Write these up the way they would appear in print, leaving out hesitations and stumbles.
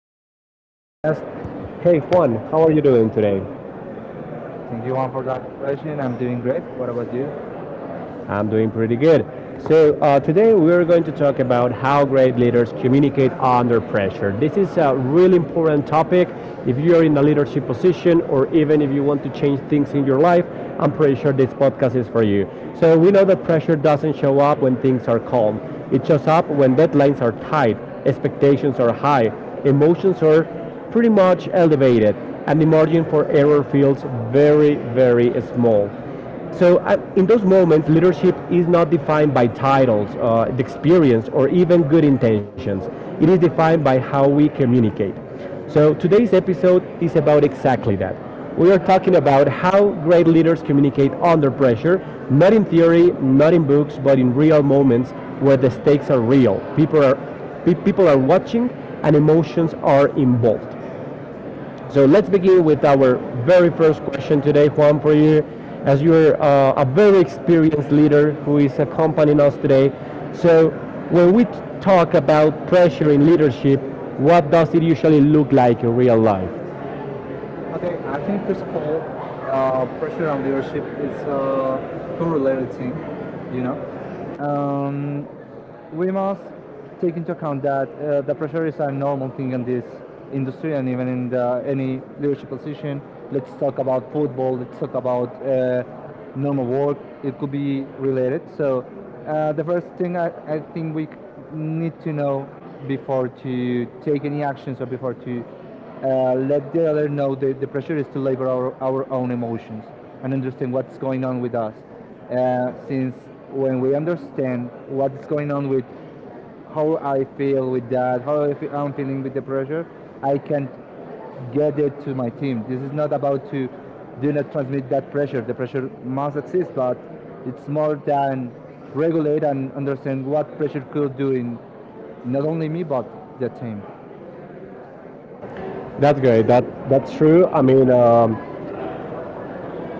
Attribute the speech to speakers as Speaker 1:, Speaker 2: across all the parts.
Speaker 1: our
Speaker 2: our
Speaker 1: today's
Speaker 2: today's
Speaker 1: podcast.
Speaker 2: podcast.
Speaker 1: Hey,
Speaker 2: Hey,
Speaker 1: Juan,
Speaker 2: Juan,
Speaker 1: how are
Speaker 2: how are
Speaker 1: you
Speaker 2: you
Speaker 1: doing
Speaker 2: doing
Speaker 1: today?
Speaker 2: today? Thank you, Juan, for that question. I'm doing great. What about you?
Speaker 1: I'm
Speaker 2: I'm
Speaker 1: doing
Speaker 2: doing
Speaker 1: pretty
Speaker 2: pretty
Speaker 1: good.
Speaker 2: good.
Speaker 1: So,
Speaker 2: So, today
Speaker 1: today we're
Speaker 2: we're
Speaker 1: going
Speaker 2: going
Speaker 1: to
Speaker 2: to
Speaker 1: talk
Speaker 2: talk
Speaker 1: about
Speaker 2: about
Speaker 1: how
Speaker 2: how great
Speaker 1: great leaders
Speaker 2: leaders
Speaker 1: communicate
Speaker 2: communicate under
Speaker 1: under
Speaker 2: pressure.
Speaker 1: pressure. This
Speaker 2: This
Speaker 1: is
Speaker 2: is a
Speaker 1: a really
Speaker 2: really important
Speaker 1: important
Speaker 2: topic.
Speaker 1: topic. If you're
Speaker 2: Leaders
Speaker 1: in a leadership
Speaker 2: in position,
Speaker 1: position
Speaker 2: or
Speaker 1: or
Speaker 2: even
Speaker 1: even if
Speaker 2: to
Speaker 1: you want to change
Speaker 2: change things
Speaker 1: things
Speaker 2: in
Speaker 1: in your
Speaker 2: your
Speaker 1: life,
Speaker 2: life.
Speaker 1: I'm pretty sure
Speaker 2: Pressure, this
Speaker 1: this
Speaker 2: podcast
Speaker 1: podcast is
Speaker 2: is
Speaker 1: for
Speaker 2: for you.
Speaker 1: you.
Speaker 2: So,
Speaker 1: So, we
Speaker 2: we
Speaker 1: know
Speaker 2: know that
Speaker 1: that pressure
Speaker 2: pressure
Speaker 1: doesn't
Speaker 2: doesn't show
Speaker 1: show
Speaker 2: up
Speaker 1: up
Speaker 2: when
Speaker 1: when
Speaker 2: things
Speaker 1: things are
Speaker 2: are hard.
Speaker 1: calm, it
Speaker 2: It shows
Speaker 1: shows
Speaker 2: up
Speaker 1: up when
Speaker 2: when
Speaker 1: deadlines are tight, expectations are high, emotions are pretty
Speaker 2: pretty much
Speaker 1: much
Speaker 2: elevated,
Speaker 1: elevated,
Speaker 2: and
Speaker 1: and the
Speaker 2: the margin
Speaker 1: margin
Speaker 2: for
Speaker 1: for
Speaker 2: error
Speaker 1: error
Speaker 2: feels
Speaker 1: feels
Speaker 2: very,
Speaker 1: very,
Speaker 2: very
Speaker 1: very
Speaker 2: low.
Speaker 1: small.
Speaker 2: So
Speaker 1: So
Speaker 2: at
Speaker 1: in those
Speaker 2: those
Speaker 1: moments,
Speaker 2: moments,
Speaker 1: leadership
Speaker 2: leadership
Speaker 1: is
Speaker 2: is
Speaker 1: not
Speaker 2: not defined
Speaker 1: defined by
Speaker 2: by time,
Speaker 1: titles, the
Speaker 2: experience,
Speaker 1: experience, or
Speaker 2: or even
Speaker 1: even good
Speaker 2: presentations.
Speaker 1: intentions. It
Speaker 2: It
Speaker 1: is
Speaker 2: is defined
Speaker 1: defined
Speaker 2: by
Speaker 1: by how
Speaker 2: how we
Speaker 1: we
Speaker 2: communicate.
Speaker 1: communicate.
Speaker 2: So
Speaker 1: So
Speaker 2: today's
Speaker 1: today's
Speaker 2: episode
Speaker 1: episode
Speaker 2: is
Speaker 1: is
Speaker 2: about
Speaker 1: about
Speaker 2: exactly
Speaker 1: exactly
Speaker 2: that.
Speaker 1: that.
Speaker 2: We
Speaker 1: We are
Speaker 2: are talking
Speaker 1: talking about
Speaker 2: about how
Speaker 1: how
Speaker 2: great
Speaker 1: great
Speaker 2: leaders
Speaker 1: leaders
Speaker 2: communicate
Speaker 1: communicate
Speaker 2: under
Speaker 1: under pressure,
Speaker 2: pressure, not
Speaker 1: not
Speaker 2: in
Speaker 1: in
Speaker 2: theory,
Speaker 1: theory,
Speaker 2: not
Speaker 1: not
Speaker 2: in
Speaker 1: in
Speaker 2: books,
Speaker 1: books,
Speaker 2: but
Speaker 1: but
Speaker 2: in
Speaker 1: in
Speaker 2: real
Speaker 1: real moments
Speaker 2: where
Speaker 1: where
Speaker 2: the
Speaker 1: the
Speaker 2: stakes
Speaker 1: stakes are
Speaker 2: are real.
Speaker 1: real.
Speaker 2: People are big people
Speaker 1: People are watching
Speaker 2: and
Speaker 1: and emotions
Speaker 2: emotions are
Speaker 1: are involved.
Speaker 2: involved. So
Speaker 1: So let's begin
Speaker 2: with
Speaker 1: with our
Speaker 2: our very
Speaker 1: very
Speaker 2: first
Speaker 1: first
Speaker 2: question
Speaker 1: question
Speaker 2: today,
Speaker 1: today, Juan,
Speaker 2: Juan,
Speaker 1: for
Speaker 2: for you,
Speaker 1: you,
Speaker 2: as
Speaker 1: as
Speaker 2: you are
Speaker 1: you're a
Speaker 2: a
Speaker 1: very
Speaker 2: very
Speaker 1: experienced
Speaker 2: experienced leader
Speaker 1: leader who
Speaker 2: who is
Speaker 1: is accompanying
Speaker 2: accompanying us
Speaker 1: us today.
Speaker 2: today, so
Speaker 1: So
Speaker 2: when
Speaker 1: when
Speaker 2: we
Speaker 1: we
Speaker 2: talk
Speaker 1: talk
Speaker 2: about
Speaker 1: about pressure
Speaker 2: pressure
Speaker 1: in
Speaker 2: in
Speaker 1: leadership,
Speaker 2: leadership, what
Speaker 1: what
Speaker 2: does
Speaker 1: does it
Speaker 2: it
Speaker 1: usually
Speaker 2: usually
Speaker 1: look
Speaker 2: look like
Speaker 1: like
Speaker 2: in
Speaker 1: in
Speaker 2: real
Speaker 1: real
Speaker 2: life?
Speaker 1: life?
Speaker 2: Okay, I think first of all, pressure on leadership is a correlated thing, you know. Um, we must take into account that the pressure is a normal thing in this industry and even in any leadership position. Let's talk about football. Let's talk about normal work. It could be related. So the first thing I think we need to know before to take any actions or before to let the other know that the pressure is to labor our own emotions and understand what's going on with us since when we understand what's going on with how I feel with that, how I I'm feeling with the pressure, I can get it to my team. This is not about to do not transmit that pressure. The pressure must exist, but it's more than regulate and understand what pressure could do in not only me but the team. That's
Speaker 1: That's
Speaker 2: great.
Speaker 1: good. That's
Speaker 2: That's
Speaker 1: true.
Speaker 2: True.
Speaker 1: I mean,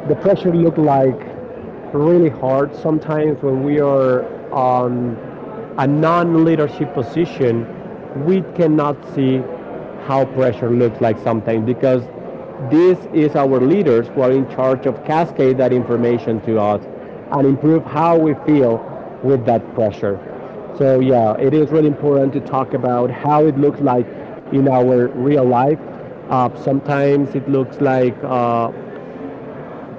Speaker 1: the
Speaker 2: The
Speaker 1: pressure
Speaker 2: pressure look
Speaker 1: looked like
Speaker 2: like
Speaker 1: really
Speaker 2: really hard
Speaker 1: hard
Speaker 2: sometimes
Speaker 1: sometimes when
Speaker 2: when
Speaker 1: we
Speaker 2: you
Speaker 1: are
Speaker 2: are
Speaker 1: um, a
Speaker 2: a
Speaker 1: non-leadership
Speaker 2: non-leadership position.
Speaker 1: position,
Speaker 2: We
Speaker 1: we
Speaker 2: cannot
Speaker 1: cannot
Speaker 2: see
Speaker 1: see
Speaker 2: how
Speaker 1: how pressure
Speaker 2: pressure
Speaker 1: looks
Speaker 2: looks
Speaker 1: like
Speaker 2: like something
Speaker 1: sometimes
Speaker 2: because
Speaker 1: because
Speaker 2: this
Speaker 1: this
Speaker 2: is
Speaker 1: is our
Speaker 2: our
Speaker 1: leaders
Speaker 2: leaders
Speaker 1: who
Speaker 2: who
Speaker 1: are
Speaker 2: are in
Speaker 1: in
Speaker 2: charge
Speaker 1: charge
Speaker 2: of
Speaker 1: of cascade
Speaker 2: cascading
Speaker 1: that
Speaker 2: that information
Speaker 1: information
Speaker 2: to
Speaker 1: to us
Speaker 2: us
Speaker 1: and
Speaker 2: and
Speaker 1: improve how
Speaker 2: how
Speaker 1: we
Speaker 2: we
Speaker 1: feel
Speaker 2: feel
Speaker 1: with
Speaker 2: with
Speaker 1: that
Speaker 2: that pressure.
Speaker 1: pressure. So
Speaker 2: So
Speaker 1: yeah,
Speaker 2: yeah,
Speaker 1: it
Speaker 2: it is
Speaker 1: is really
Speaker 2: really
Speaker 1: important
Speaker 2: important
Speaker 1: to
Speaker 2: to
Speaker 1: talk
Speaker 2: talk
Speaker 1: about
Speaker 2: about how
Speaker 1: how
Speaker 2: it
Speaker 1: it looks
Speaker 2: looks
Speaker 1: like
Speaker 2: like in
Speaker 1: in
Speaker 2: our
Speaker 1: our
Speaker 2: real
Speaker 1: real
Speaker 2: life.
Speaker 1: life.
Speaker 2: Sometimes
Speaker 1: Sometimes it
Speaker 2: it looks
Speaker 1: looks
Speaker 2: like.
Speaker 1: like
Speaker 2: Uh,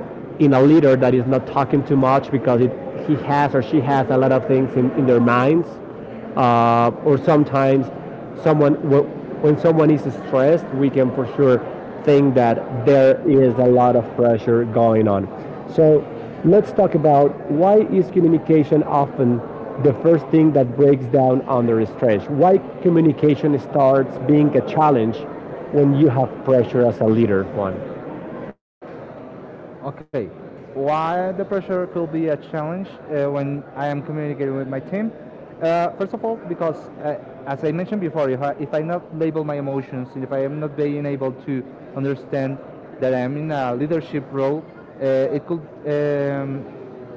Speaker 2: being
Speaker 1: in
Speaker 2: a
Speaker 1: a
Speaker 2: leader
Speaker 1: leader
Speaker 2: that
Speaker 1: that
Speaker 2: is
Speaker 1: is
Speaker 2: not
Speaker 1: not
Speaker 2: talking
Speaker 1: talking too
Speaker 2: too much
Speaker 1: much because
Speaker 2: because he
Speaker 1: he has
Speaker 2: has
Speaker 1: or
Speaker 2: or
Speaker 1: she
Speaker 2: she has
Speaker 1: has a
Speaker 2: a
Speaker 1: lot
Speaker 2: lot
Speaker 1: of
Speaker 2: of
Speaker 1: things
Speaker 2: things
Speaker 1: in
Speaker 2: going
Speaker 1: their
Speaker 2: on mind.
Speaker 1: minds. Or
Speaker 2: Or
Speaker 1: sometimes
Speaker 2: sometimes
Speaker 1: someone when
Speaker 2: when
Speaker 1: someone
Speaker 2: someone
Speaker 1: is
Speaker 2: is
Speaker 1: stressed,
Speaker 2: stressed,
Speaker 1: we
Speaker 2: we
Speaker 1: can
Speaker 2: can
Speaker 1: for
Speaker 2: look
Speaker 1: sure
Speaker 2: for
Speaker 1: think
Speaker 2: things
Speaker 1: that
Speaker 2: that
Speaker 1: there
Speaker 2: there
Speaker 1: is
Speaker 2: is
Speaker 1: a
Speaker 2: a
Speaker 1: lot
Speaker 2: lot
Speaker 1: of
Speaker 2: of
Speaker 1: pressure going on. So let's talk about why is communication often the first thing that breaks down under stress? Why communication starts being a challenge when you have pressure as a leader, Juan?
Speaker 2: Okay. Why the pressure could be a challenge when I am communicating with my team? First of all, because as I mentioned before, if I not label my emotions, if I am not being able to understand that I am in a leadership role, it could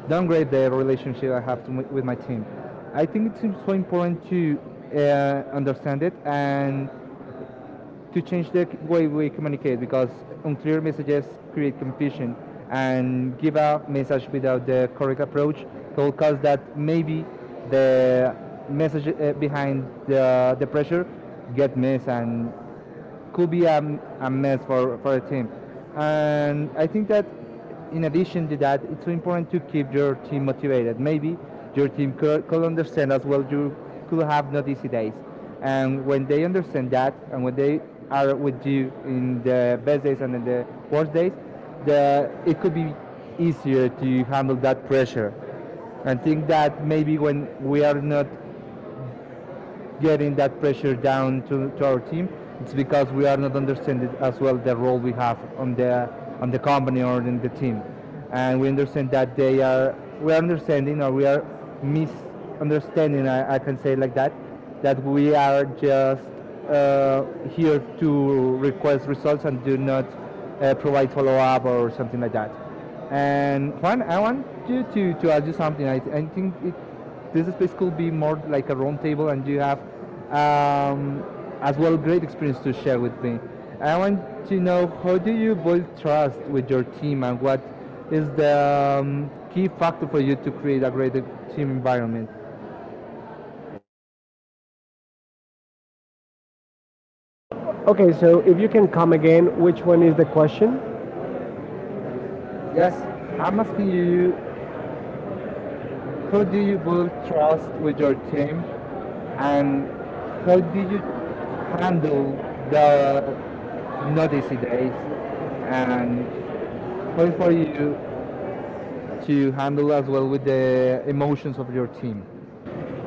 Speaker 2: downgrade the relationship I have with my team. I think it's so important to understand it and to change the way we communicate because unclear messages create confusion and give a message without the correct approach will cause that maybe the message behind the pressure get missed and could be a mess for a team. And I think that in addition to that, it's so important to keep your team motivated. Maybe your team could understand as well you could have not easy days. And when they understand that and when they are with you in the best days and in the worst days, it could be easier to handle that pressure. I think that maybe when we are not getting that pressure down to our team. It's because we are not understanding as well the role we have on the company or in the team, and we understand that they are we are understanding or we are misunderstanding. I can say like that that we are just here to request results and do not provide follow up or something like that. And Juan, I want you to ask you something. I think it this space could be more like a round table, and you have um, as well great experience to share with me. I want to know how do you build trust with your team, and what is the key factor for you to create a great team environment?
Speaker 1: Okay, so if you can come again, which one is the question?
Speaker 2: Yes, I'm asking you how do you build trust with your team, and how do you handle the not easy days and how is for you to handle as well with the emotions of your team.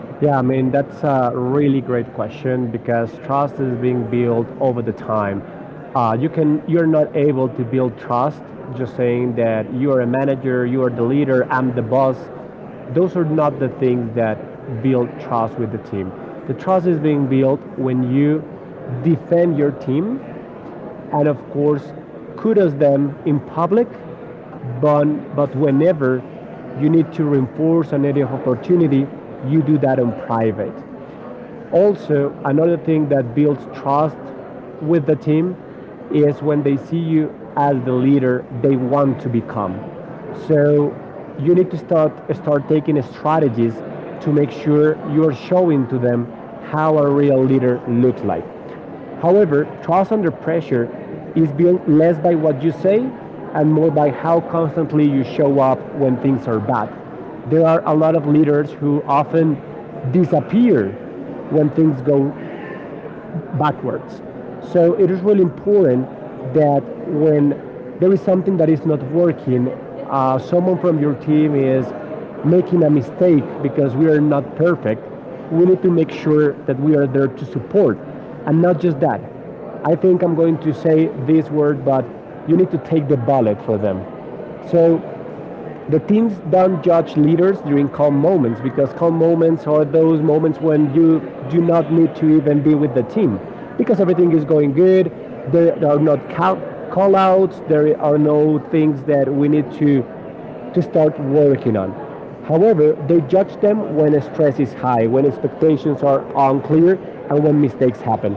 Speaker 2: Yeah,
Speaker 1: Yeah,
Speaker 2: I
Speaker 1: I mean,
Speaker 2: mean,
Speaker 1: that's a really great question because trust is being built over the time. You're not able to build trust just saying that you are a manager, you are the leader, I'm the boss. Those are not the things that build trust with the team. The trust is being built when you defend your team and, of course, kudos them in public. But, but whenever you need to reinforce an area of opportunity, you do that in private. Also, another thing that builds trust with the team is when they see you as the leader they want to become. So you need to start taking strategies to make sure you're showing to them how a real leader looks like. However, trust under pressure is built less by what you say and more by how constantly you show up when things are bad. There are a lot of leaders who often disappear when things go backwards. So it is really important that when there is something that is not working, someone from your team is making a mistake because we are not perfect, we need to make sure that we are there to support. And not just that. I think I'm going to say this word, but you need to take the bullet for them. So the teams don't judge leaders during calm moments because calm moments are those moments when you do not need to even be with the team because everything is going good. There are not call, outs. There are no things that we need to start working on. However, they judge them when stress is high, when expectations are unclear, and when mistakes happen.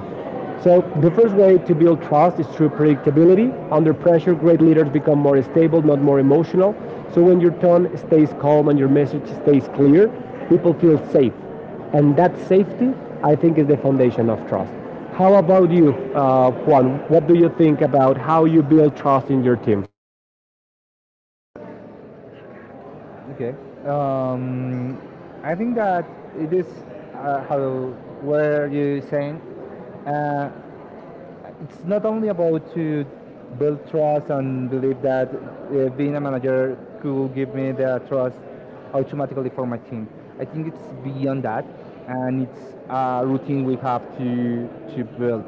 Speaker 1: So, the first way to build trust is through predictability. Under pressure, great leaders become more stable, not more emotional. So, when your tone stays calm and your message stays clear, people feel safe. And that safety, I think, is the foundation of trust. How about you, Juan? What do you think about how you build trust in your team?
Speaker 2: Okay. Um, I think that it is how were you saying uh, it's not only about to build trust and believe that being a manager could give me the trust automatically for my team. I think it's beyond that, and it's a routine we have to build.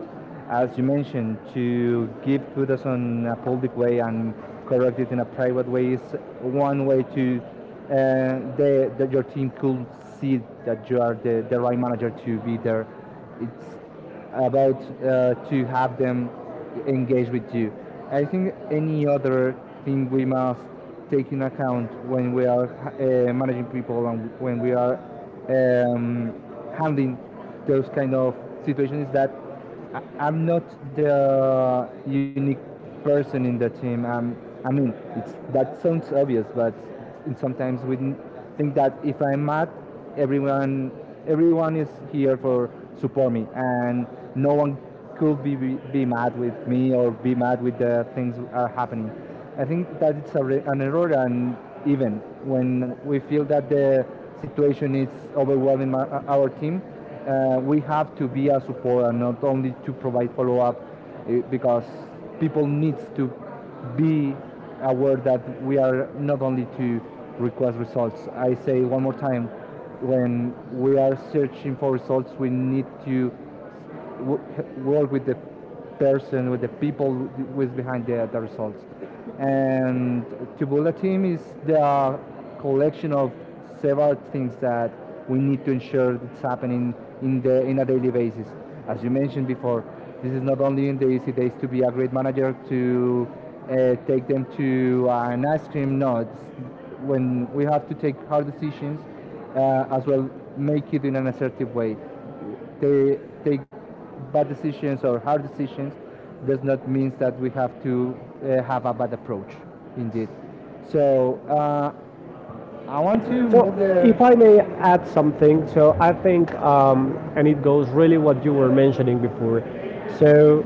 Speaker 2: As you mentioned, to give kudos on a public way and correct it in a private way is one way to that your team could see that you are the right manager to be there. It's about to have them engage with you. I think any other thing we must take in account when we are managing people and when we are um, handling those kind of situations is that I'm not the unique person in the team. I mean, it's that sounds obvious, but sometimes think that if I'm mad, everyone everyone is here for support me, and no one could be mad with me or be mad with the things are happening. I think that it's an error, and even when we feel that the situation is overwhelming our team, we have to be a support and not only to provide follow up, because people needs to be aware that we are not only to request results. I say one more time, when we are searching for results, we need to work with the person, with the people who is behind the results. And Tubula team is the collection of several things that we need to ensure that's happening in the in a daily basis. As you mentioned before, this is not only in the easy days to be a great manager to take them to an ice cream. No, it's when we have to take hard decisions as well, make it in an assertive way they take bad decisions or hard decisions does not mean that we have to have a bad approach, indeed. So I want to
Speaker 1: So,
Speaker 2: move the.
Speaker 1: if
Speaker 2: If
Speaker 1: I
Speaker 2: I
Speaker 1: may
Speaker 2: may
Speaker 1: add
Speaker 2: add
Speaker 1: something,
Speaker 2: something, so
Speaker 1: so I
Speaker 2: I think
Speaker 1: think, and it goes really what you were mentioning before. So,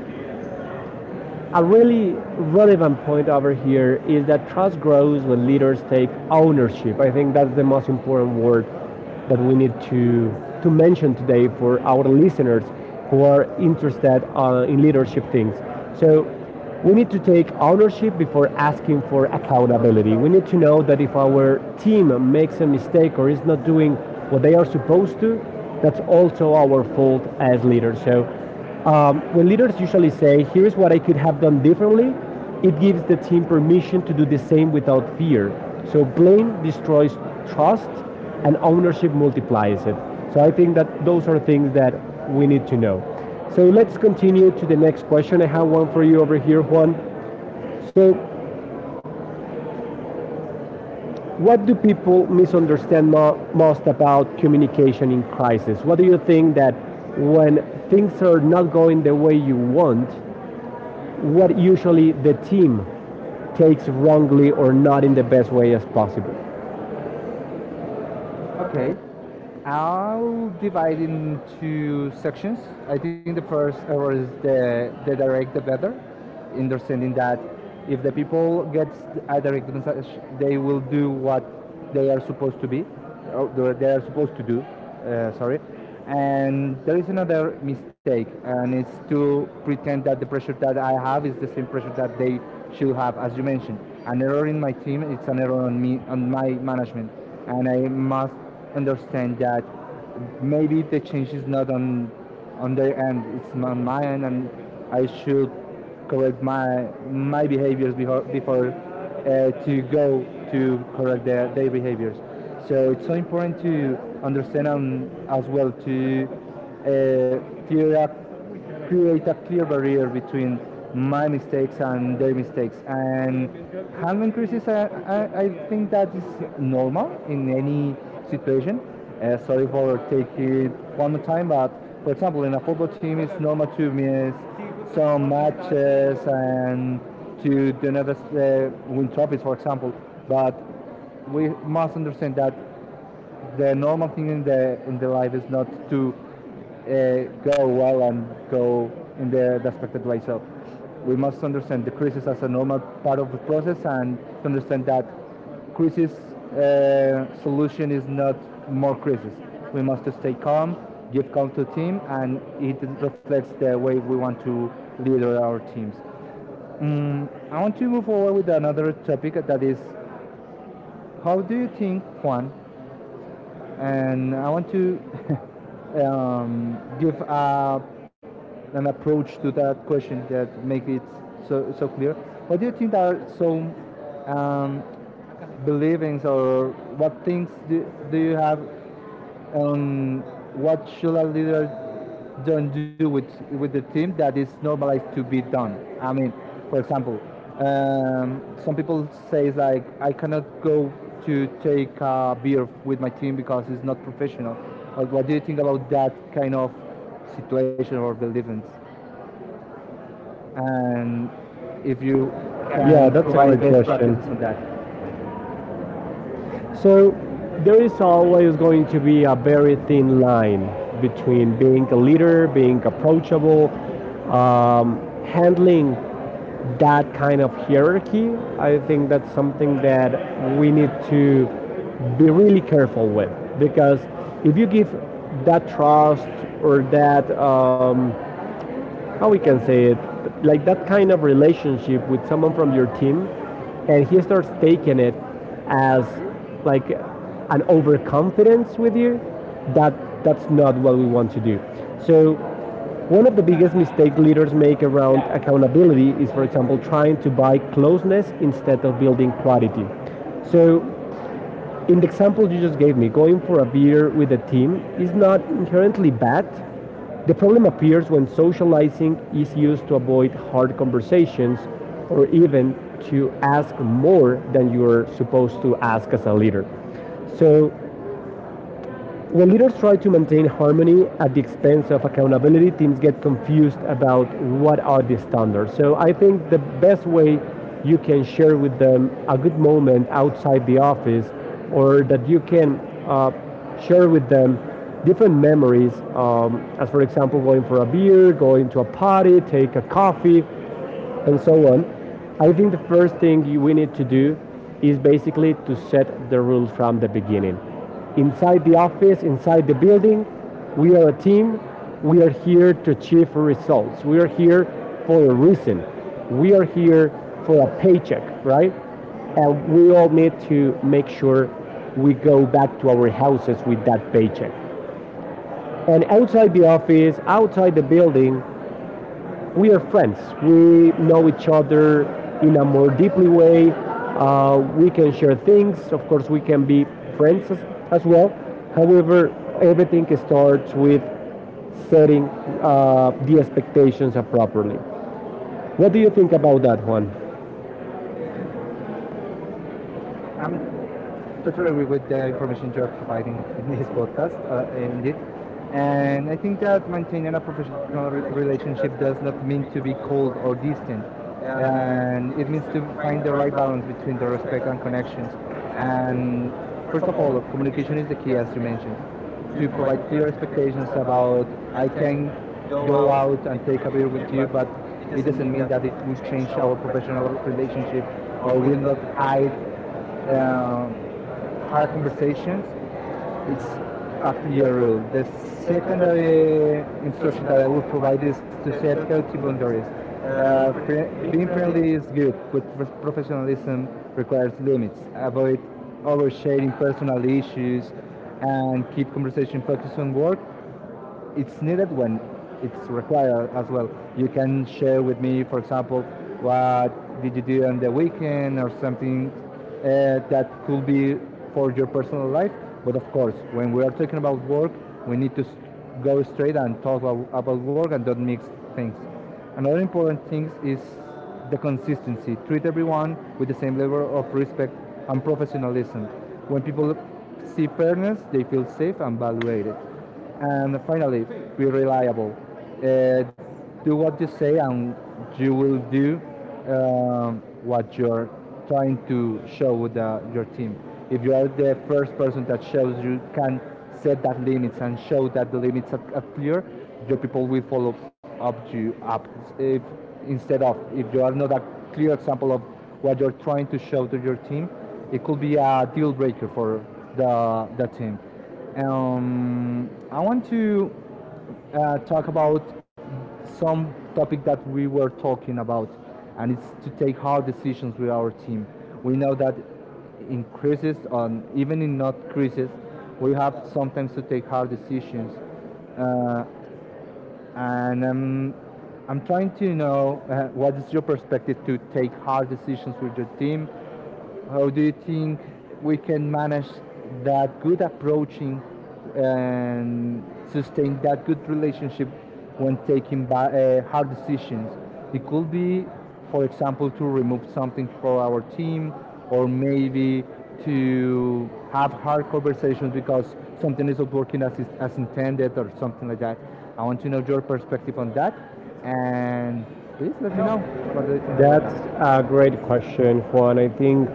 Speaker 1: a really relevant point over here is that trust grows when leaders take ownership. I think that's the most important word that we need to mention today for our listeners who are interested in leadership things. So, we need to take ownership before asking for accountability. We need to know that if our team makes a mistake or is not doing what they are supposed to, that's also our fault as leaders. So when leaders usually say, "Here is what I could have done differently," it gives the team permission to do the same without fear. So blame destroys trust and ownership multiplies it. So I think that those are things that we need to know. So let's continue to the next question. I have one for you over here, Juan. So what do people misunderstand most about communication in crisis? What do you think that when things are not going the way you want, what usually the team takes wrongly or not in the best way as possible?
Speaker 2: Okay. I'll divide into sections. I think the first error is the direct the better, understanding that if the people get a direct message, they will do what they are supposed to be, or they are supposed to do. Sorry. And there is another mistake, and it's to pretend that the pressure that I have is the same pressure that they should have, as you mentioned. An error in my team, it's an error on me, on my management, and I must understand that maybe the change is not on on their end, it's on my end, and I should correct my behaviors before to go to correct their behaviors. So it's so important to understand and as well to clear up create a clear barrier between my mistakes and their mistakes. And handling criticism, think that is normal in any situation. Sorry for taking it one more time, but for example, in a football team, it's normal to miss some matches and to do not win trophies, for example. But we must understand that the normal thing in the life is not to go well and go in the expected way. So we must understand the crisis as a normal part of the process and to understand that crisis solution is not more crisis. We must stay calm, give calm to the team, and it reflects the way we want to lead our teams. I want to move forward with another topic that is how do you think, Juan? And I want to give an approach to that question that make it so clear. What do you think are some um, believings or what things do you have on what should a leader don't do with the team that is normalized to be done. I mean, for example, some people say like I cannot go to take a beer with my team because it's not professional. But what do you think about that kind of situation or beliefs? And if you
Speaker 1: Yeah,
Speaker 2: can
Speaker 1: that's a
Speaker 2: provide
Speaker 1: great
Speaker 2: best
Speaker 1: question.
Speaker 2: practices on that.
Speaker 1: So there is always going to be a very thin line between being a leader, being approachable, um, handling that kind of hierarchy. I think that's something that we need to be really careful with because if you give that trust or that how we can say it, like that kind of relationship with someone from your team, and he starts taking it as like an overconfidence with you. That that's not what we want to do. So one of the biggest mistakes leaders make around accountability is, for example, trying to buy closeness instead of building quality. So in the example you just gave me, going for a beer with a team is not inherently bad, the problem appears when socializing is used to avoid hard conversations or even to ask more than you're supposed to ask as a leader. So when leaders try to maintain harmony at the expense of accountability, teams get confused about what are the standards. So I think the best way you can share with them a good moment outside the office, or that you can uh, share with them different memories, as for example, going for a beer, going to a party, take a coffee, and so on. I think the first thing we need to do is basically to set the rules from the beginning. Inside the office, inside the building, we are a team. We are here to achieve results. We are here for a reason. We are here for a paycheck, right? And we all need to make sure we go back to our houses with that paycheck. And outside the office, outside the building, we are friends. We know each other in a more deeply way. We can share things. Of course, we can be friends as, as well. However, everything starts with setting the expectations up properly. What do you think about that, Juan?
Speaker 2: I'm totally agree with the information you are providing in this podcast, indeed. And I think that maintaining a professional relationship does not mean to be cold or distant. And it means to find the right balance between the respect and connections. And first of all, communication is the key, as you mentioned, to provide clear expectations about I can go out and take a beer with you, but it doesn't mean that it will change our professional relationship or will not hide uh, hard conversations, it's a clear rule. The secondary instruction that I would provide is to set healthy boundaries. Being friendly is good, but professionalism requires limits. Avoid oversharing personal issues and keep conversation focused on work it's needed when it's required as well. You can share with me, for example, what did you do on the weekend or something that could be for your personal life. But of course, when we are talking about work, we need to go straight and talk about work and don't mix things. Another important thing is the consistency. Treat everyone with the same level of respect and professionalism. When people see fairness, they feel safe and valued. And finally, be reliable. Do what you say, and you will do um, what you're trying to show with your team. If you are the first person that shows you can set that limits and show that the limits are clear, your people will follow up you up. If instead of if you are not a clear example of what you're trying to show to your team, it could be a deal breaker for the team. I want to talk about some topic that we were talking about, and it's to take hard decisions with our team. We know that in crisis, on even in not crisis, we have sometimes to take hard decisions, and I'm trying to know what is your perspective to take hard decisions with your team, how do you think we can manage that good approaching and sustain that good relationship when taking hard decisions? It could be, for example, to remove something for our team, or maybe to have hard conversations because something isn't working as, as intended or something like that. I want to know your perspective on that, and please let me know what do you think about
Speaker 1: That's
Speaker 2: that.
Speaker 1: a great question, Juan. I think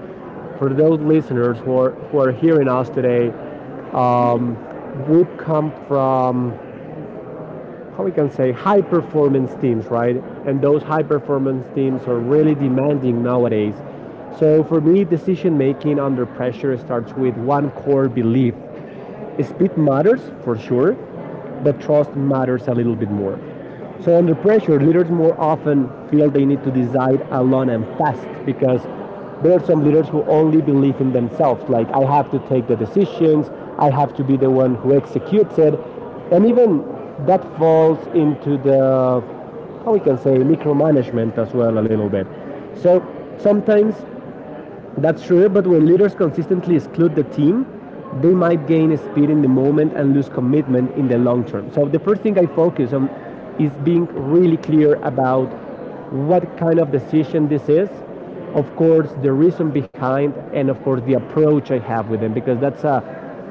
Speaker 1: for those listeners who are hearing us today, um, we've come from how we can say high performance teams, right? And those high performance teams are really demanding nowadays. So for me, decision making under pressure starts with one core belief. Speed matters for sure, but trust matters a little bit more. So under pressure, leaders more often feel they need to decide alone and fast because there are some leaders who only believe in themselves. Like I have to take the decisions, I have to be the one who executes it, and even that falls into the how we can say micromanagement as well a little bit. So sometimes that's true, but when leaders consistently exclude the team, they might gain speed in the moment and lose commitment in the long term. So the first thing I focus on is being really clear about what kind of decision this is, of course the reason behind, and of course the approach I have with them because that's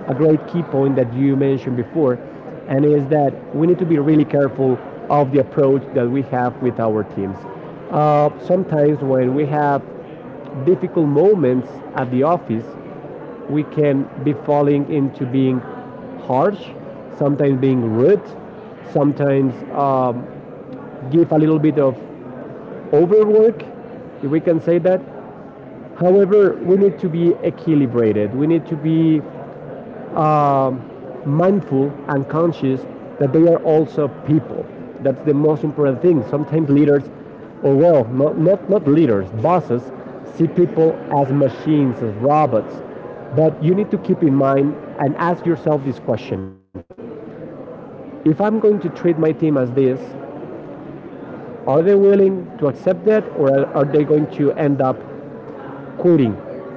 Speaker 1: a great key point that you mentioned before, and is that we need to be really careful of the approach that we have with our teams. Sometimes when we have difficult moments at the office, we can be falling into being harsh, sometimes being rude, sometimes give a little bit of overwork, if we can say that. However, we need to be equilibrated. We need to be um, mindful and conscious that they are also people. That's the most important thing. Sometimes leaders, or well, not leaders, bosses, see people as machines, as robots. But you need to keep in mind and ask yourself this question. If I'm going to treat my team as this, are they willing to accept that, or are they going to end up quitting?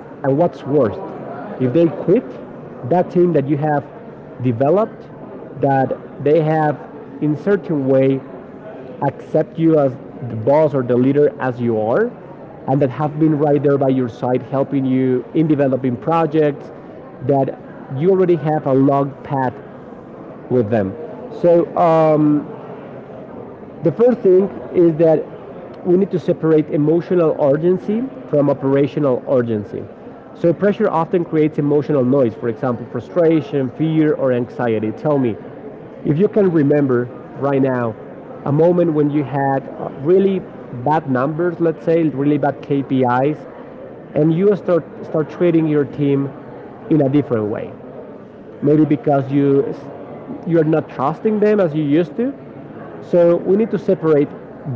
Speaker 1: And what's worse, if they quit, that team that you have developed, that they have in certain way accept you as the boss or the leader as you are, and that have been right there by your side helping you in developing projects, that you already have a long path with them. So um, the first thing is that we need to separate emotional urgency from operational urgency. So pressure often creates emotional noise, for example, frustration, fear, or anxiety. Tell me, if you can remember right now a moment when you had really bad numbers, let's say, really bad KPIs, and you start treating your team in a different way. Maybe because you're not trusting them as you used to, so we need to separate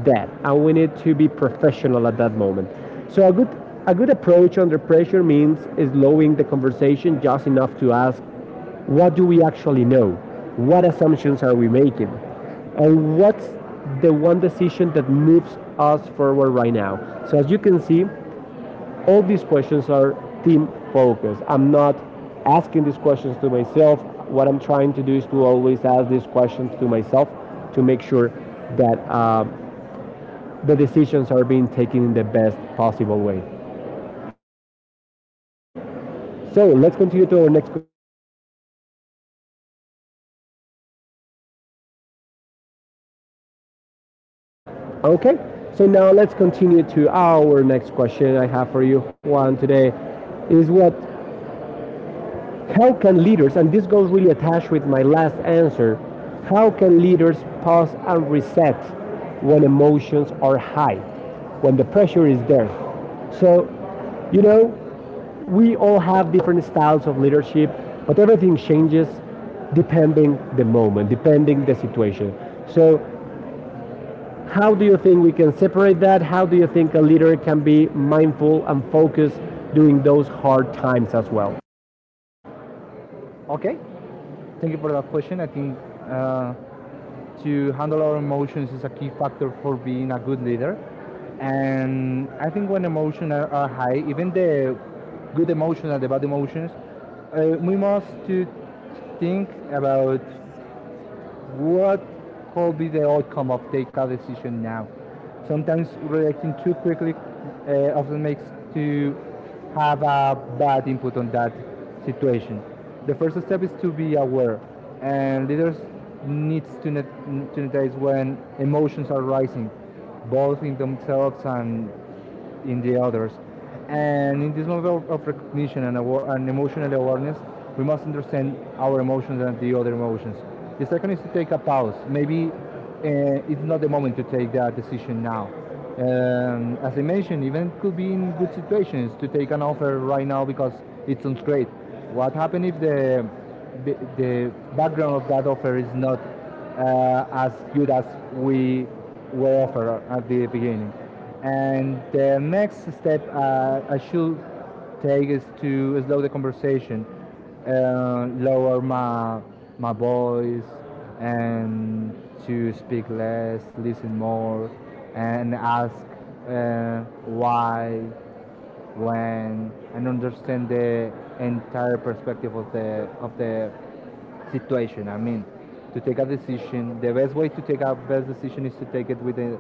Speaker 1: that, and we need to be professional at that moment. So a good approach under pressure means slowing the conversation just enough to ask, what do we actually know? What assumptions are we making? And what's the one decision that moves us forward right now? So as you can see, all these questions are team focused. I'm not asking these questions to myself. What I'm trying to do is to always ask these questions to myself to make sure that the decisions are being taken in the best possible way. So let's continue to our next question. Okay, so now let's continue to our next question I have for you, Juan, today. Is what How can leaders, and this goes really attached with my last answer, how can leaders pause and reset when emotions are high, when the pressure is there? So, you know, we all have different styles of leadership, but everything changes depending the moment, depending the situation. So, how do you think we can separate that? How do you think a leader can be mindful and focused during those hard times as well?
Speaker 2: Okay. Thank you for that question. I think to handle our emotions is a key factor for being a good leader. And I think when emotions are high, even the good emotions and the bad emotions, we must to think about what could be the outcome of take a decision now. Sometimes reacting too quickly often makes to have a bad input on that situation. The first step is to be aware, and leaders needs to notice when emotions are rising, both in themselves and in the others. And in this moment of recognition and emotional awareness, we must understand our emotions and the other emotions. The second is to take a pause. Maybe it's not the moment to take that decision now. As I mentioned, even could be in good situations to take an offer right now because it sounds great. What happens if the, the background of that offer is not as good as we were offered at the beginning. And the next step I should take is to slow the conversation, lower my voice, and to speak less, listen more, and ask why when and understand the entire perspective of the situation. I mean, to take a decision, the best way to take a best decision is to take it with the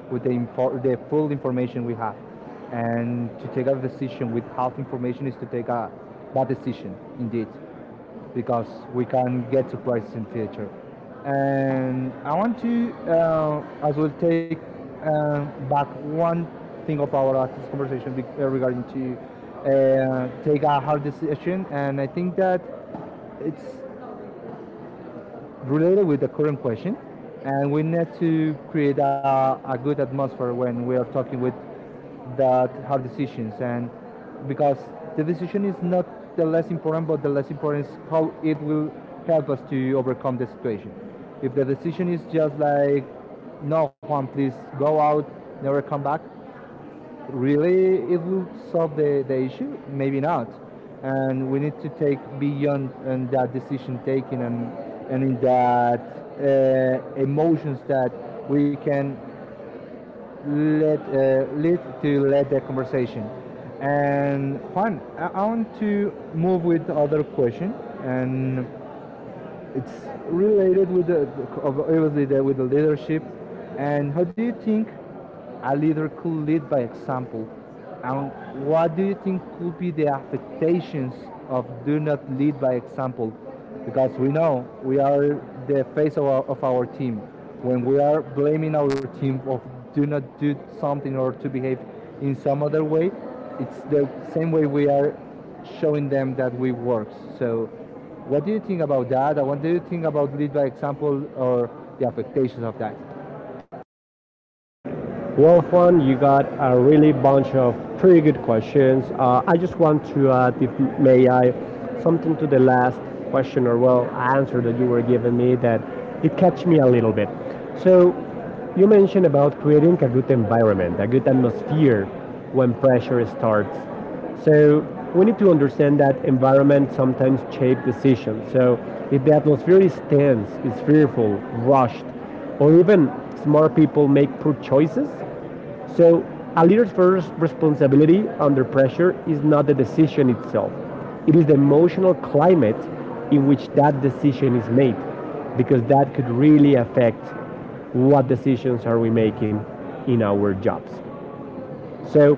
Speaker 2: with the info, the full information we have, and to take a decision with half information is to take a bad decision indeed because we can get surprises in future. And I want to as well take back one thing of our artist conversation regarding to take a hard decision, and I think that it's related with the current question, and we need to create a good atmosphere when we are talking with that hard decisions, and because the decision is not the less important, but the less important is how it will help us to overcome the situation. If the decision is just like, no, Juan, please go out, never come back, really, it will solve the issue? Maybe not. And we need to take beyond and that decision taking and in that emotions that we can let lead the conversation. And Juan, I want to move with other question and it's related with the obviously the, with the leadership and how do you think a leader could lead by example and what do you think could be the affectations of do not lead by example because we know we are the face of of our team when we are blaming our team of do not do something or to behave in some other way it's the same way we are showing them that we work so what do you think about that? And what do you think about lead by example or the affectations of that?
Speaker 1: Well, Juan, you got a really bunch of pretty good questions. I just want to add, if may I, something to the last question, or well, answer that you were giving me that it catch me a little bit. So you mentioned about creating a good environment, a good atmosphere when pressure starts. So we need to understand that environment sometimes shape decisions. So if the atmosphere is tense, is fearful, rushed, or even smart people make poor choices, so, a leader's first responsibility under pressure is not the decision itself, it is the emotional climate in which that decision is made, because that could really affect what decisions are we making in our jobs. So,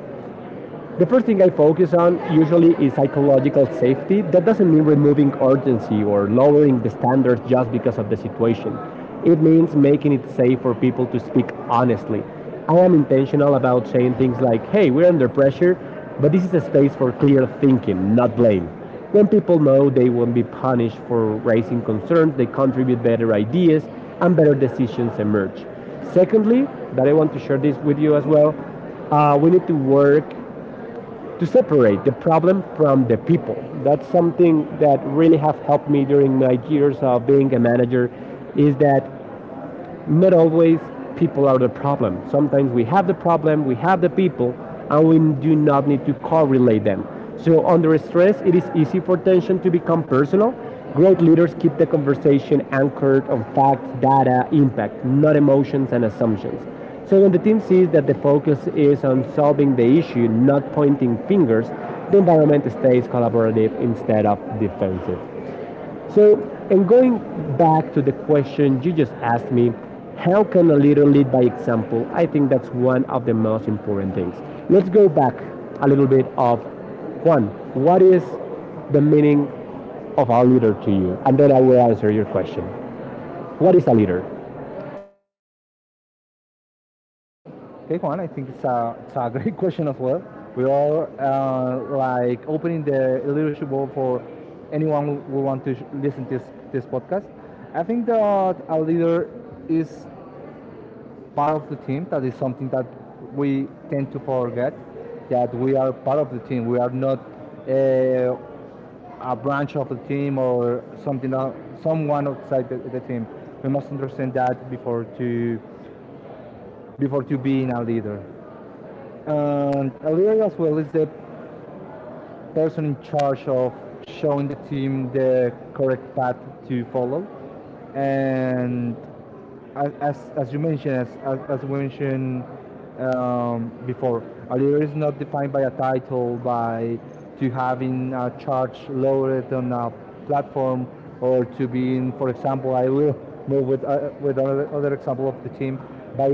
Speaker 1: the first thing I focus on usually is psychological safety. That doesn't mean removing urgency or lowering the standards just because of the situation. It means making it safe for people to speak honestly. I am intentional about saying things like, hey, we're under pressure, but this is a space for clear thinking, not blame. When people know they won't be punished for raising concerns, they contribute better ideas and better decisions emerge. Secondly, that I want to share this with you as well, we need to work to separate the problem from the people. That's something that really have helped me during my years of being a manager is that not always people are the problem. Sometimes we have the problem, we have the people, and we do not need to correlate them. So under stress, it is easy for tension to become personal. Great leaders keep the conversation anchored on facts, data, impact, not emotions and assumptions. So when the team sees that the focus is on solving the issue, not pointing fingers, the environment stays collaborative instead of defensive. So, and going back to the question you just asked me, how can a leader lead by example? I think that's one of the most important things. Let's go back a little bit of Juan. What is the meaning of a leader to you? And then I will answer your question. What is a leader?
Speaker 2: Okay, Juan, I think it's it's a great question as well. We are like opening the leadership world for anyone who want to listen to this podcast. I think that a leader is part of the team. That is something that we tend to forget that we are part of the team. We are not uh, a branch of the team or something that someone outside the team. We must understand that before to before to being a leader. And a leader as well is the person in charge of showing the team the correct path to follow and as, as, you mentioned, as we mentioned before, a leader is not defined by a title, by to having a charge loaded on a platform, or to being, for example, I will move with other example of the team, by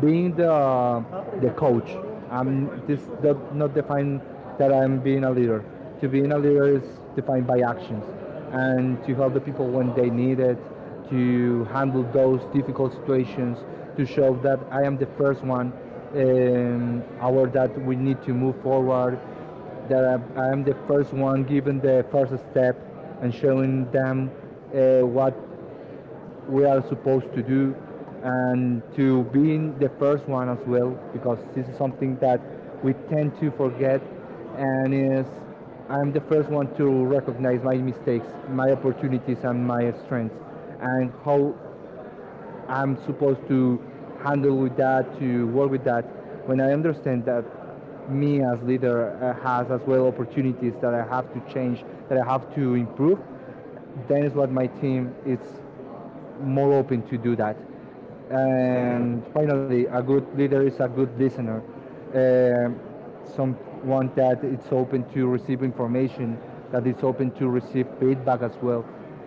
Speaker 2: being the coach. I'm this does not define that I'm being a leader. To being a leader is defined by actions and to help the people when they need it to handle those difficult situations, to show that I am the first one aware that we need to move forward, that I, am the first one giving the first step and showing them what we are supposed to do and to being the first one as well because this is something that we tend to forget and is I'm the first one to recognize my mistakes, my opportunities and my strengths and how I'm supposed to handle with that, to work with that when I understand that me as leader has as well opportunities that I have to change, that I have to improve, then is what my team is more open to do that. And finally, a good leader is a good listener. Um Someone that it's open to receive information, that is open to receive feedback as well.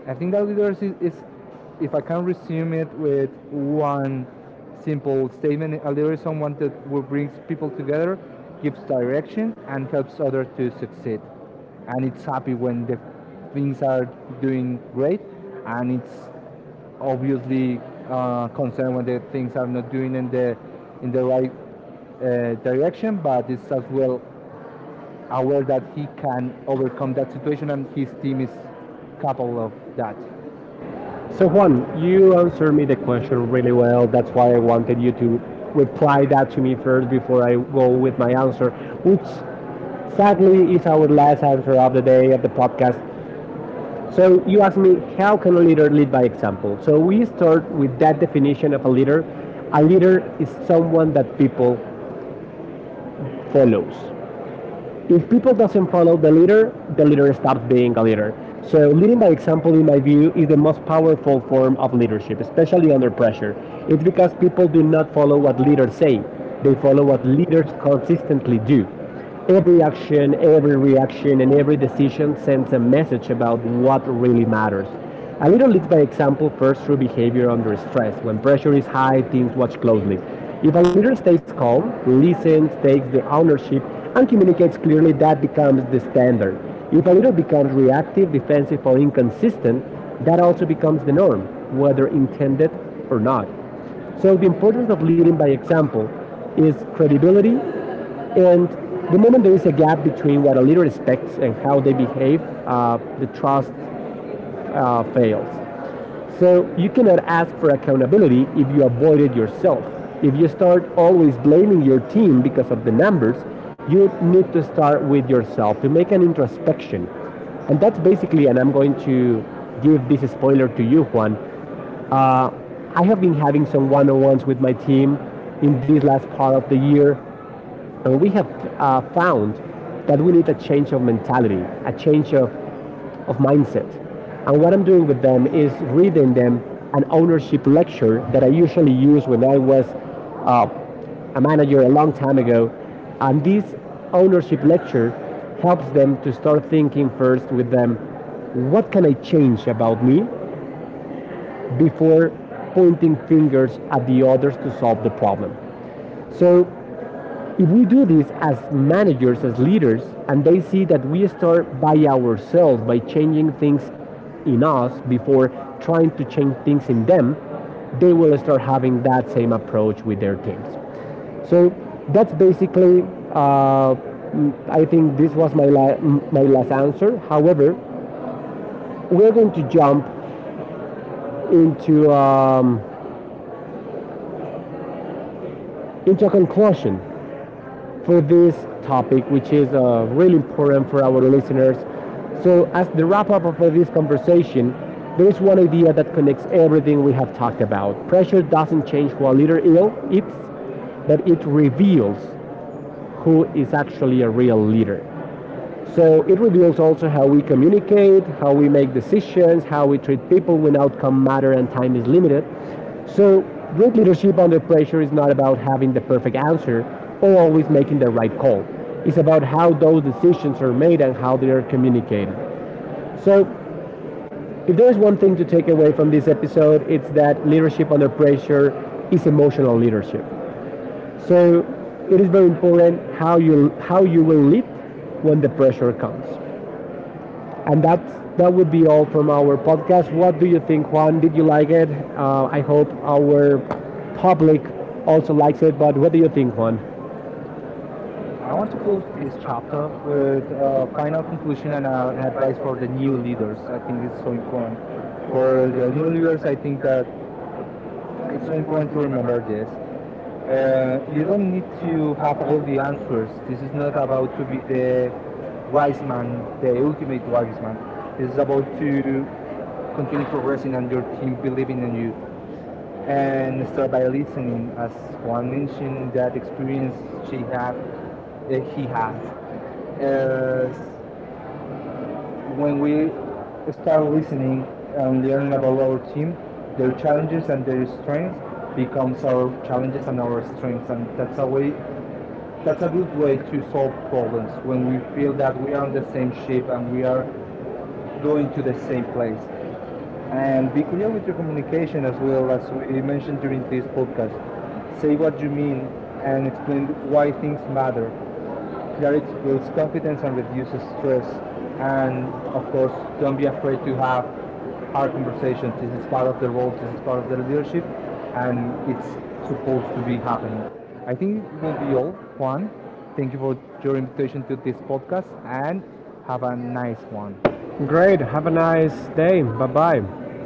Speaker 2: I think that leadership if I can resume it with one simple statement, a leader is someone that will brings people together, gives direction, and helps others to succeed. And it's happy when the things are doing great, and it's obviously concerned when the things are not doing in the right direction, but is as well aware that he can overcome that situation and his team is capable of that.
Speaker 1: So Juan, you answered me the question really well. That's why I wanted you to reply that to me first before I go with my answer, which
Speaker 2: Which sadly
Speaker 1: sadly is our last answer of the day of the podcast.
Speaker 2: so
Speaker 1: So you asked
Speaker 2: you
Speaker 1: me, how can a leader lead by example? So we start
Speaker 2: like
Speaker 1: with
Speaker 2: if
Speaker 1: that
Speaker 2: we can
Speaker 1: definition
Speaker 2: get
Speaker 1: of
Speaker 2: up
Speaker 1: a
Speaker 2: there
Speaker 1: leader. A leader is
Speaker 2: and
Speaker 1: someone
Speaker 2: something
Speaker 1: that
Speaker 2: that people
Speaker 1: people follows.
Speaker 2: follow.
Speaker 1: If
Speaker 2: If
Speaker 1: people
Speaker 2: people
Speaker 1: doesn't follow
Speaker 2: follow
Speaker 1: the leader
Speaker 2: and stop
Speaker 1: stops being
Speaker 2: being
Speaker 1: a
Speaker 2: there,
Speaker 1: leader. So
Speaker 2: for
Speaker 1: leading by example, in
Speaker 2: example,
Speaker 1: my view, is the most
Speaker 2: how
Speaker 1: powerful form
Speaker 2: people
Speaker 1: of
Speaker 2: follow
Speaker 1: leadership,
Speaker 2: leadership, especially
Speaker 1: especially under
Speaker 2: corporate,
Speaker 1: pressure. It's
Speaker 2: it's
Speaker 1: because
Speaker 2: because
Speaker 1: people do
Speaker 2: it's not
Speaker 1: not follow
Speaker 2: what
Speaker 1: what
Speaker 2: we are saying.
Speaker 1: leaders say; they
Speaker 2: They
Speaker 1: follow what leaders
Speaker 2: follow
Speaker 1: consistently do. Every
Speaker 2: every
Speaker 1: action,
Speaker 2: action,
Speaker 1: every
Speaker 2: every reaction,
Speaker 1: reaction, and
Speaker 2: and
Speaker 1: every
Speaker 2: every
Speaker 1: decision
Speaker 2: decision
Speaker 1: sends
Speaker 2: sends
Speaker 1: a
Speaker 2: a
Speaker 1: message
Speaker 2: message
Speaker 1: about
Speaker 2: about
Speaker 1: what
Speaker 2: what
Speaker 1: really
Speaker 2: really
Speaker 1: matters.
Speaker 2: matters.
Speaker 1: A
Speaker 2: A
Speaker 1: leader
Speaker 2: little
Speaker 1: leads
Speaker 2: bit
Speaker 1: by
Speaker 2: back down to
Speaker 1: example first through
Speaker 2: pressure
Speaker 1: behavior under stress. When
Speaker 2: is
Speaker 1: pressure
Speaker 2: pressure
Speaker 1: is
Speaker 2: is high
Speaker 1: high, teams
Speaker 2: because of
Speaker 1: watch closely.
Speaker 2: security. If
Speaker 1: If a
Speaker 2: a
Speaker 1: leader
Speaker 2: leader stays
Speaker 1: stays
Speaker 2: calm,
Speaker 1: calm,
Speaker 2: the meeting
Speaker 1: listens, takes
Speaker 2: takes
Speaker 1: the ownership,
Speaker 2: ownership and
Speaker 1: and
Speaker 2: communicates
Speaker 1: communicates clearly,
Speaker 2: clearly that
Speaker 1: that
Speaker 2: becomes
Speaker 1: becomes
Speaker 2: the
Speaker 1: the standard.
Speaker 2: standard. If
Speaker 1: If
Speaker 2: a
Speaker 1: a
Speaker 2: leader
Speaker 1: leader
Speaker 2: becomes
Speaker 1: becomes
Speaker 2: reactive,
Speaker 1: reactive,
Speaker 2: defensive,
Speaker 1: defensive,
Speaker 2: or
Speaker 1: or inconsistent,
Speaker 2: inconsistent, that
Speaker 1: that
Speaker 2: also
Speaker 1: also
Speaker 2: becomes
Speaker 1: becomes
Speaker 2: the
Speaker 1: the
Speaker 2: role,
Speaker 1: norm,
Speaker 2: whether
Speaker 1: whether
Speaker 2: it's
Speaker 1: intended
Speaker 2: not.
Speaker 1: or not.
Speaker 2: So
Speaker 1: So, the
Speaker 2: if
Speaker 1: importance of
Speaker 2: we're
Speaker 1: leading by example is credibility, and the moment there is a gap between what a leader expects and how they behave, the trust fails. So you cannot ask for accountability if you avoid it yourself. If you start always blaming your team because of the numbers, you need to start with yourself to make an introspection. And that's basically, and I'm going to give this spoiler to you, Juan. Uh, I have been having some one on ones with my team in this last part of the year, and we have found that we need a change of mentality, a change of mindset. And what I'm doing with them is reading them an ownership lecture that I usually use when I was a manager a long time ago. And this ownership lecture helps them to start thinking first with them what can I change about me before pointing fingers at the others to solve the problem. So if we do this as managers, as leaders, and they see that we start by ourselves, by changing things in us before trying to change things in them, they will start having that same approach with their teams. So that's basically, uh, I think this was my last answer. However, we're going to jump into, um, into a conclusion for this topic, which is really important for our listeners. So, as the wrap up of this conversation, there is one idea that connects everything we have talked about. Pressure doesn't change who a leader is, but it reveals who is actually a real leader. So it reveals also how we communicate, how we make decisions, how we treat people when outcome matter and time is limited. So great leadership under pressure is not about having the perfect answer or always making the right call. It's about how those decisions are made and how they are communicated. So if there's one thing to take away from this episode, it's that leadership under pressure is emotional leadership. So it is very important how you will lead when the pressure comes. And that would be all from our podcast. What do you think, Juan? Did you like it? I hope our public also likes it. But what do you think, Juan?
Speaker 2: I want to close this chapter with a final conclusion and an advice for the new leaders. I think it's so important. For the new leaders, I think that it's so important to remember this. You don't need to have all the answers. This is not about to be the wise man, the ultimate wise man. This is about to continue progressing and your team believing in you and start by listening as Juan mentioned that experience she have he has as when we start listening and learning about our team their challenges and their strengths becomes our challenges and our strengths and that's a way that's a good way to solve problems when we feel that we are on the same ship and we are going to the same place. And be clear with your communication as well as we mentioned during this podcast. Say what you mean and explain why things matter. Clarity builds confidence and reduces stress. And of course, don't be afraid to have hard conversations. This is part of the role, this is part of the leadership, and it's supposed to be happening. I think it will be all, Juan. Thank you for your invitation to this podcast and have a nice one.
Speaker 1: Great. Have a nice day. Bye bye.